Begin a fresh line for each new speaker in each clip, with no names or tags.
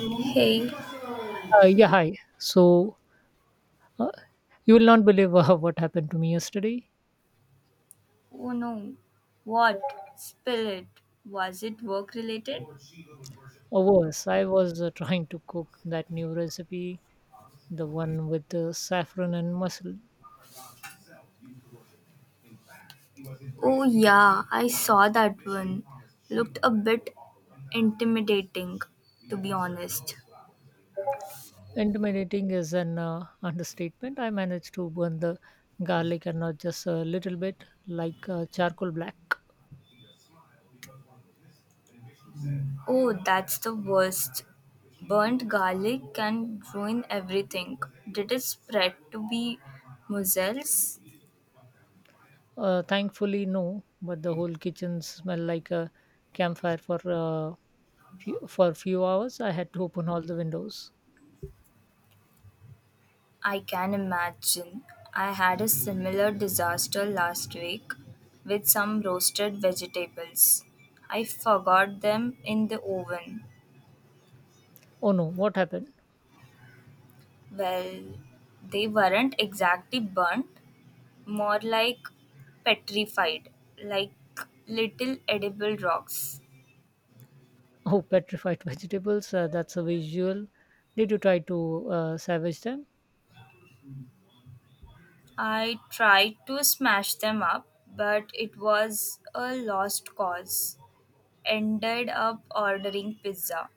Hey,
Yeah, hi. So, uh, you will not believe what happened to me yesterday.
oh no. What? Spill it. Was it work related?
Or worse, I was trying to cook that new recipe, the one with the saffron and mussel.
Oh, yeah, I saw that one. Looked a bit intimidating, to be honest.
Intimidating is an understatement. I managed to burn the garlic, and not just a little bit, like charcoal black.
Oh, that's the worst. Burnt garlic can ruin everything. Did it spread to be mussels?
Thankfully, no, but the whole kitchen smelled like a campfire for for a few hours. I had to open all the windows.
I can imagine. I had a similar disaster last week with some roasted vegetables. I forgot them in the oven.
Oh no, what happened?
Well, they weren't exactly burnt, more like petrified, like little edible rocks.
Oh, petrified vegetables, that's a visual. Did you try to savage them?
I tried to smash them up, but it was a lost cause. Ended up ordering pizza.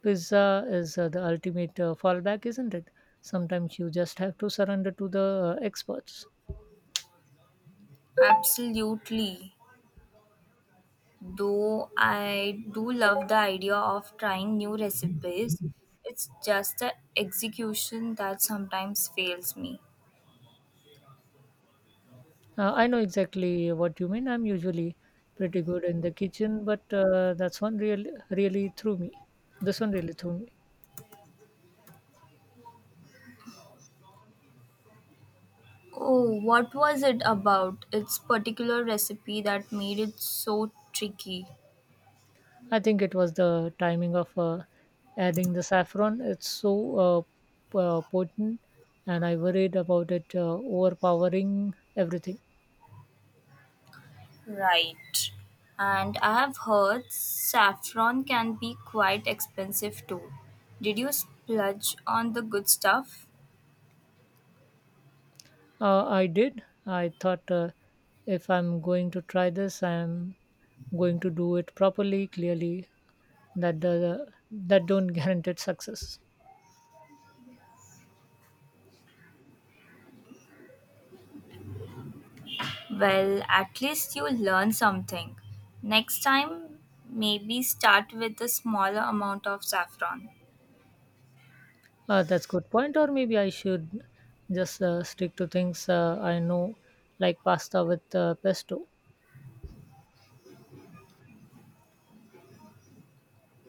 Pizza is the ultimate fallback, isn't it? Sometimes you just have to surrender to the experts.
Absolutely. Though I do love the idea of trying new recipes, it's just the execution that sometimes fails me.
I know exactly what you mean. I'm usually pretty good in the kitchen, but that's really threw me. This one really threw me.
Oh, what was it about? It's particular recipe that made it so tricky.
I think it was the timing of adding the saffron. It's so potent, and I worried about it overpowering everything.
Right. And I have heard saffron can be quite expensive too. Did you splurge on the good stuff?
I did. I thought if I'm going to try this, I'm going to do it properly. Clearly, that don't guarantee success.
Well, at least you learn something. Next time, maybe start with a smaller amount of saffron.
That's good point. Or maybe I should just stick to things I know, like pasta with pesto.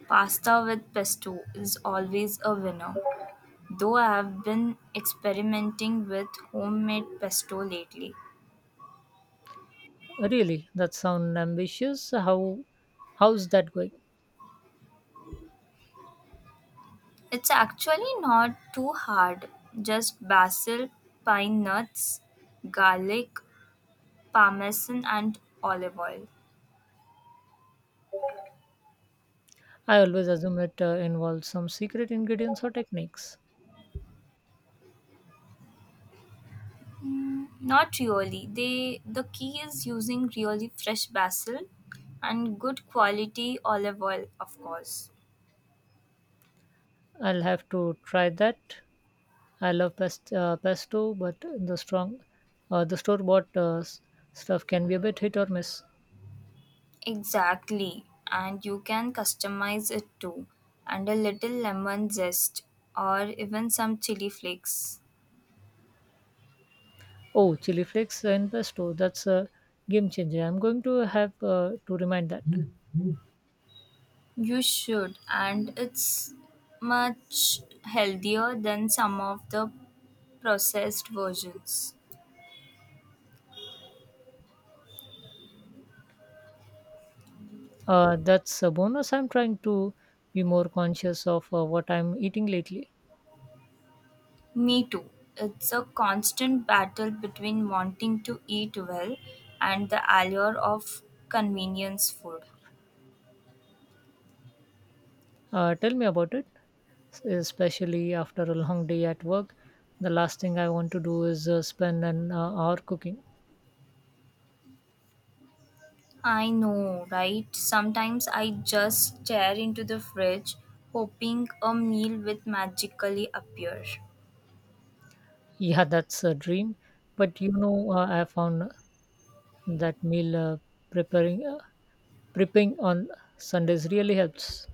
Pasta with pesto is always a winner, though I have been experimenting with homemade pesto lately.
Really, that sounds ambitious. How's that going?
It's actually not too hard, just basil, pine nuts, garlic, parmesan, and olive oil.
I always assume it involves some secret ingredients or techniques.
Not really. The key is using really fresh basil and good quality olive oil, of course.
I'll have to try that. I love pesto, but the strong, the store bought stuff can be a bit hit or miss.
Exactly. And you can customize it too. And a little lemon zest or even some chili flakes.
Oh, chili flakes and pesto, that's a game changer. I'm going to have to remind that.
You should, and it's much healthier than some of the processed versions.
That's a bonus. I'm trying to be more conscious of what I'm eating lately.
Me too. It's a constant battle between wanting to eat well and the allure of convenience food.
Tell me about it, especially after a long day at work. The last thing I want to do is spend an hour cooking.
I know, right? Sometimes I just stare into the fridge, hoping a meal will magically appear.
Yeah, that's a dream. But you know, I found that meal preparing prepping on sundays really helps.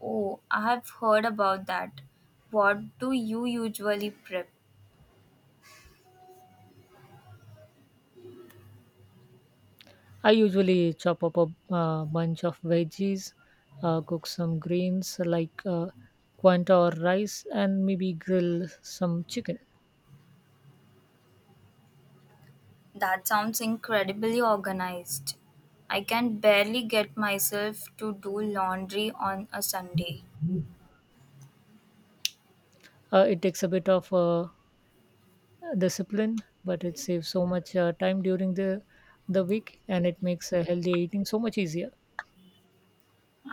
Oh, I have heard about that. What do you usually prep?
I usually chop up a bunch of veggies, cook some greens like quinoa or rice, and maybe grill some chicken.
That sounds incredibly organized. I can barely get myself to do laundry on a Sunday.
It takes a bit of discipline, but it saves so much time during the week, and it makes healthy eating so much easier.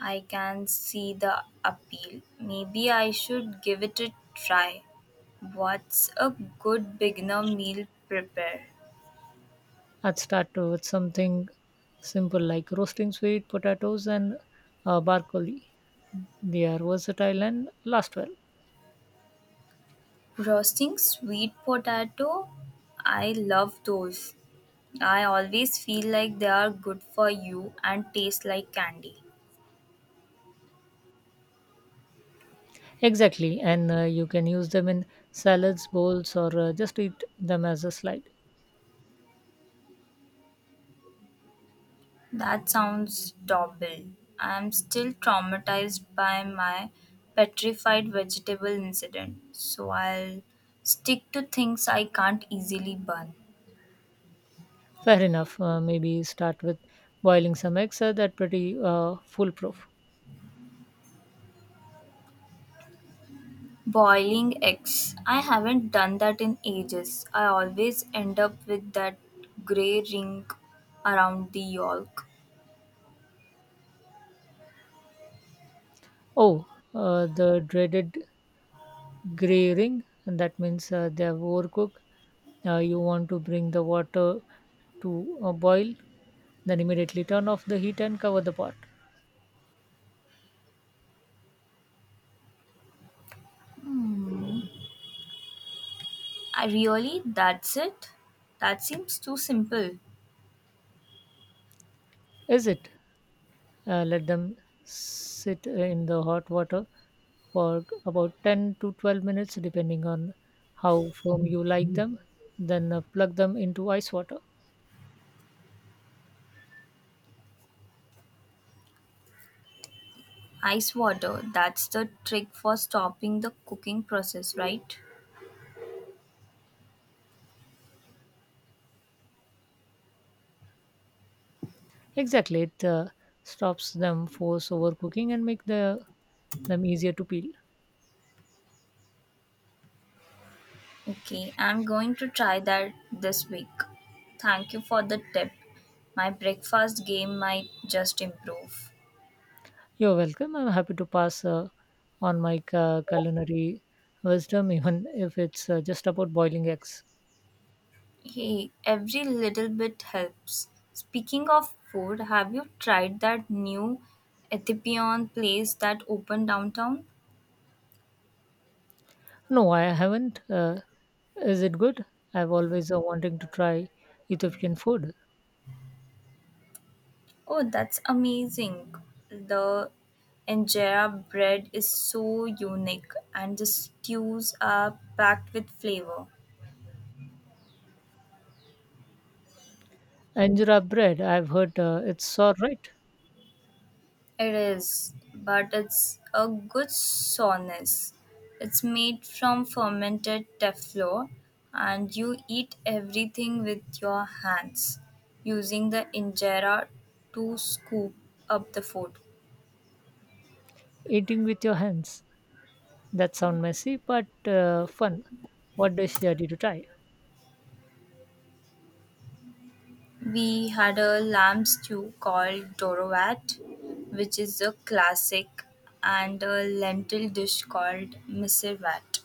I can see the appeal. Maybe I should give it a try. What's a good beginner meal prepare?
I'd start with something simple, like roasting sweet potatoes and barcolli. They are versatile and last well.
Roasting sweet potato? I love those. I always feel like they are good for you and taste like candy.
Exactly, and you can use them in salads, bowls, or just eat them as a slide.
That sounds double. I'm still traumatized by my petrified vegetable incident, so I'll stick to things I can't easily burn.
Fair enough. Maybe start with boiling some eggs. That pretty foolproof.
Boiling eggs. I haven't done that in ages. I always end up with that grey ring around the yolk.
Oh, the dreaded gray ring. And that means they have overcooked. You want to bring the water to a boil, then immediately turn off the heat and cover the pot.
I really? That's it? That seems too simple.
Is it? Let them sit in the hot water for about 10 to 12 minutes, depending on how firm you like them. Then plug them into ice water.
Ice water. That's the trick for stopping the cooking process, right?
Exactly, it stops them force overcooking and make them easier to peel.
Okay, I'm going to try that this week. Thank you for the tip. My breakfast game might just improve.
You're welcome. I'm happy to pass on my culinary wisdom, even if it's just about boiling eggs.
Hey, every little bit helps. Speaking of food, have you tried that new Ethiopian place that opened downtown?
No, I haven't. Is it good? I've always wanting to try Ethiopian food.
Oh, that's amazing. The injera bread is so unique and the stews are packed with flavor.
Anjera bread, I've heard it's all right.
It is, but it's a good soreness. It's made from fermented teflo, and you eat everything with your hands, using the injera to scoop up the food.
Eating with your hands. That sounds messy, but fun. What dish did you try?
We had a lamb stew called dorovat, which is a classic, and a lentil dish called misirvat.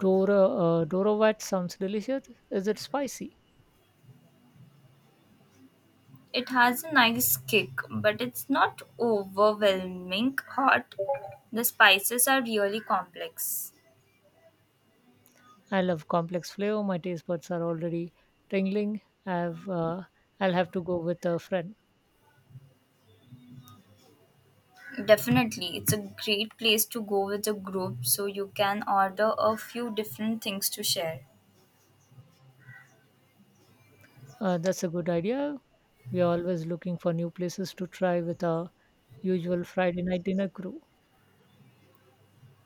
Dora wat sounds delicious. Is it spicy?
It has a nice kick, but it's not overwhelming hot. The spices are really complex.
I love complex flavor. My taste buds are already tingling. I've, uh, I'll have to go with a friend.
Definitely, it's a great place to go with a group so you can order a few different things to share.
That's a good idea. We are always looking for new places to try with our usual Friday night dinner crew.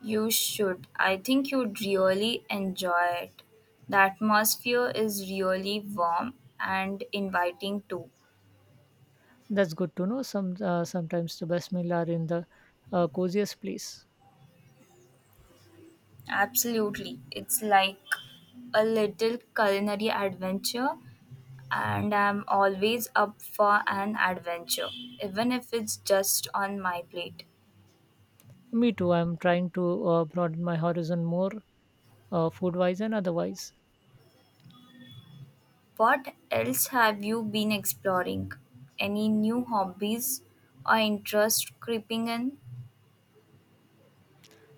You should. I think you'd really enjoy it. The atmosphere is really warm and inviting too.
That's good to know. Some sometimes the best meal are in the coziest place.
Absolutely. It's like a little culinary adventure, and I'm always up for an adventure, even if it's just on my plate.
Me too. I'm trying to broaden my horizon more, food wise and otherwise.
What else have you been exploring? Any new hobbies or interest creeping in?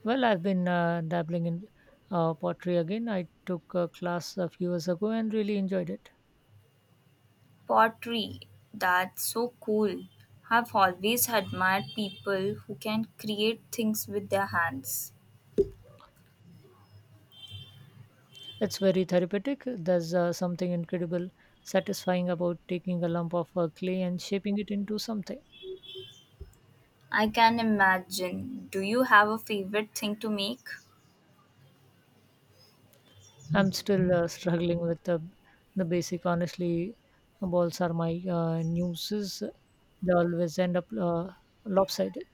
Well, I've been dabbling in pottery again. I took a class a few years ago and really enjoyed it.
Pottery. That's so cool. I've always admired people who can create things with their hands.
It's very therapeutic. There's something incredible, satisfying about taking a lump of clay and shaping it into something.
I can imagine. Do you have a favorite thing to make?
I'm still struggling with the basic. Honestly, balls are my nuisances. They always end up lopsided.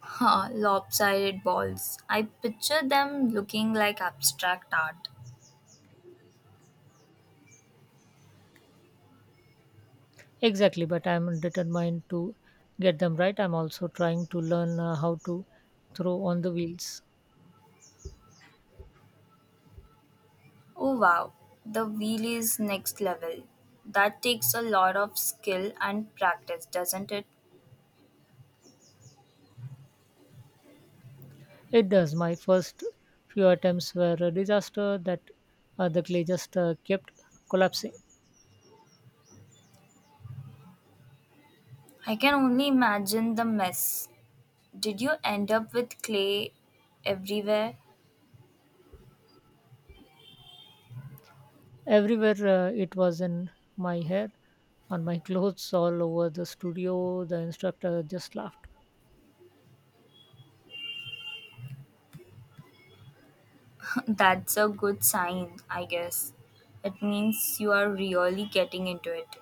Ha, lopsided balls. I picture them looking like abstract art.
Exactly, but I'm determined to get them right. I'm also trying to learn how to throw on the wheels.
Oh wow, the wheel is next level. That takes a lot of skill and practice, doesn't it?
It does. My first few attempts were a disaster, that the clay just kept collapsing.
I can only imagine the mess. Did you end up with clay everywhere?
Everywhere, it was in my hair, on my clothes, all over the studio. The instructor just laughed.
That's a good sign, I guess. It means you are really getting into it.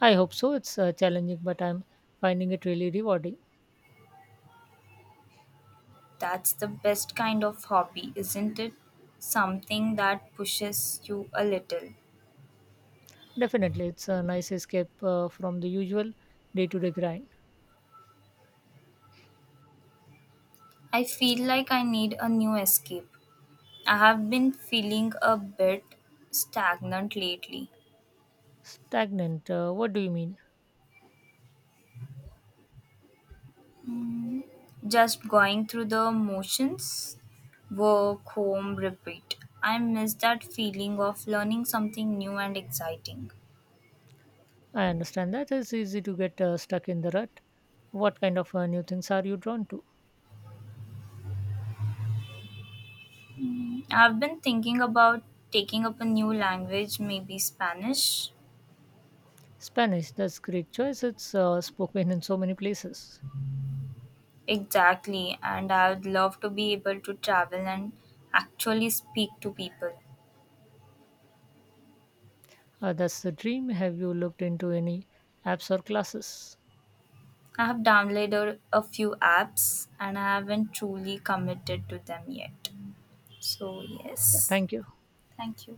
I hope so. It's challenging, but I'm finding it really rewarding.
That's the best kind of hobby, isn't it? Something that pushes you a little.
Definitely, it's a nice escape from the usual day to day grind.
I feel like I need a new escape. I have been feeling a bit stagnant lately,
Stagnant. What do you mean?
just going through the motions work, home, repeat. I miss that feeling of learning something new and exciting.
I understand that it's easy to get stuck in the rut. What kind of new things are you drawn to?
Mm, I've been thinking about taking up a new language, maybe Spanish.
Spanish. That's great choice. It's spoken in so many places.
Exactly, and I would love to be able to travel and actually speak to people.
That's the dream. Have you looked into any apps or classes?
I have downloaded a few apps and I haven't truly committed to them yet. So,
Okay,
yes,
thank you.
thank you.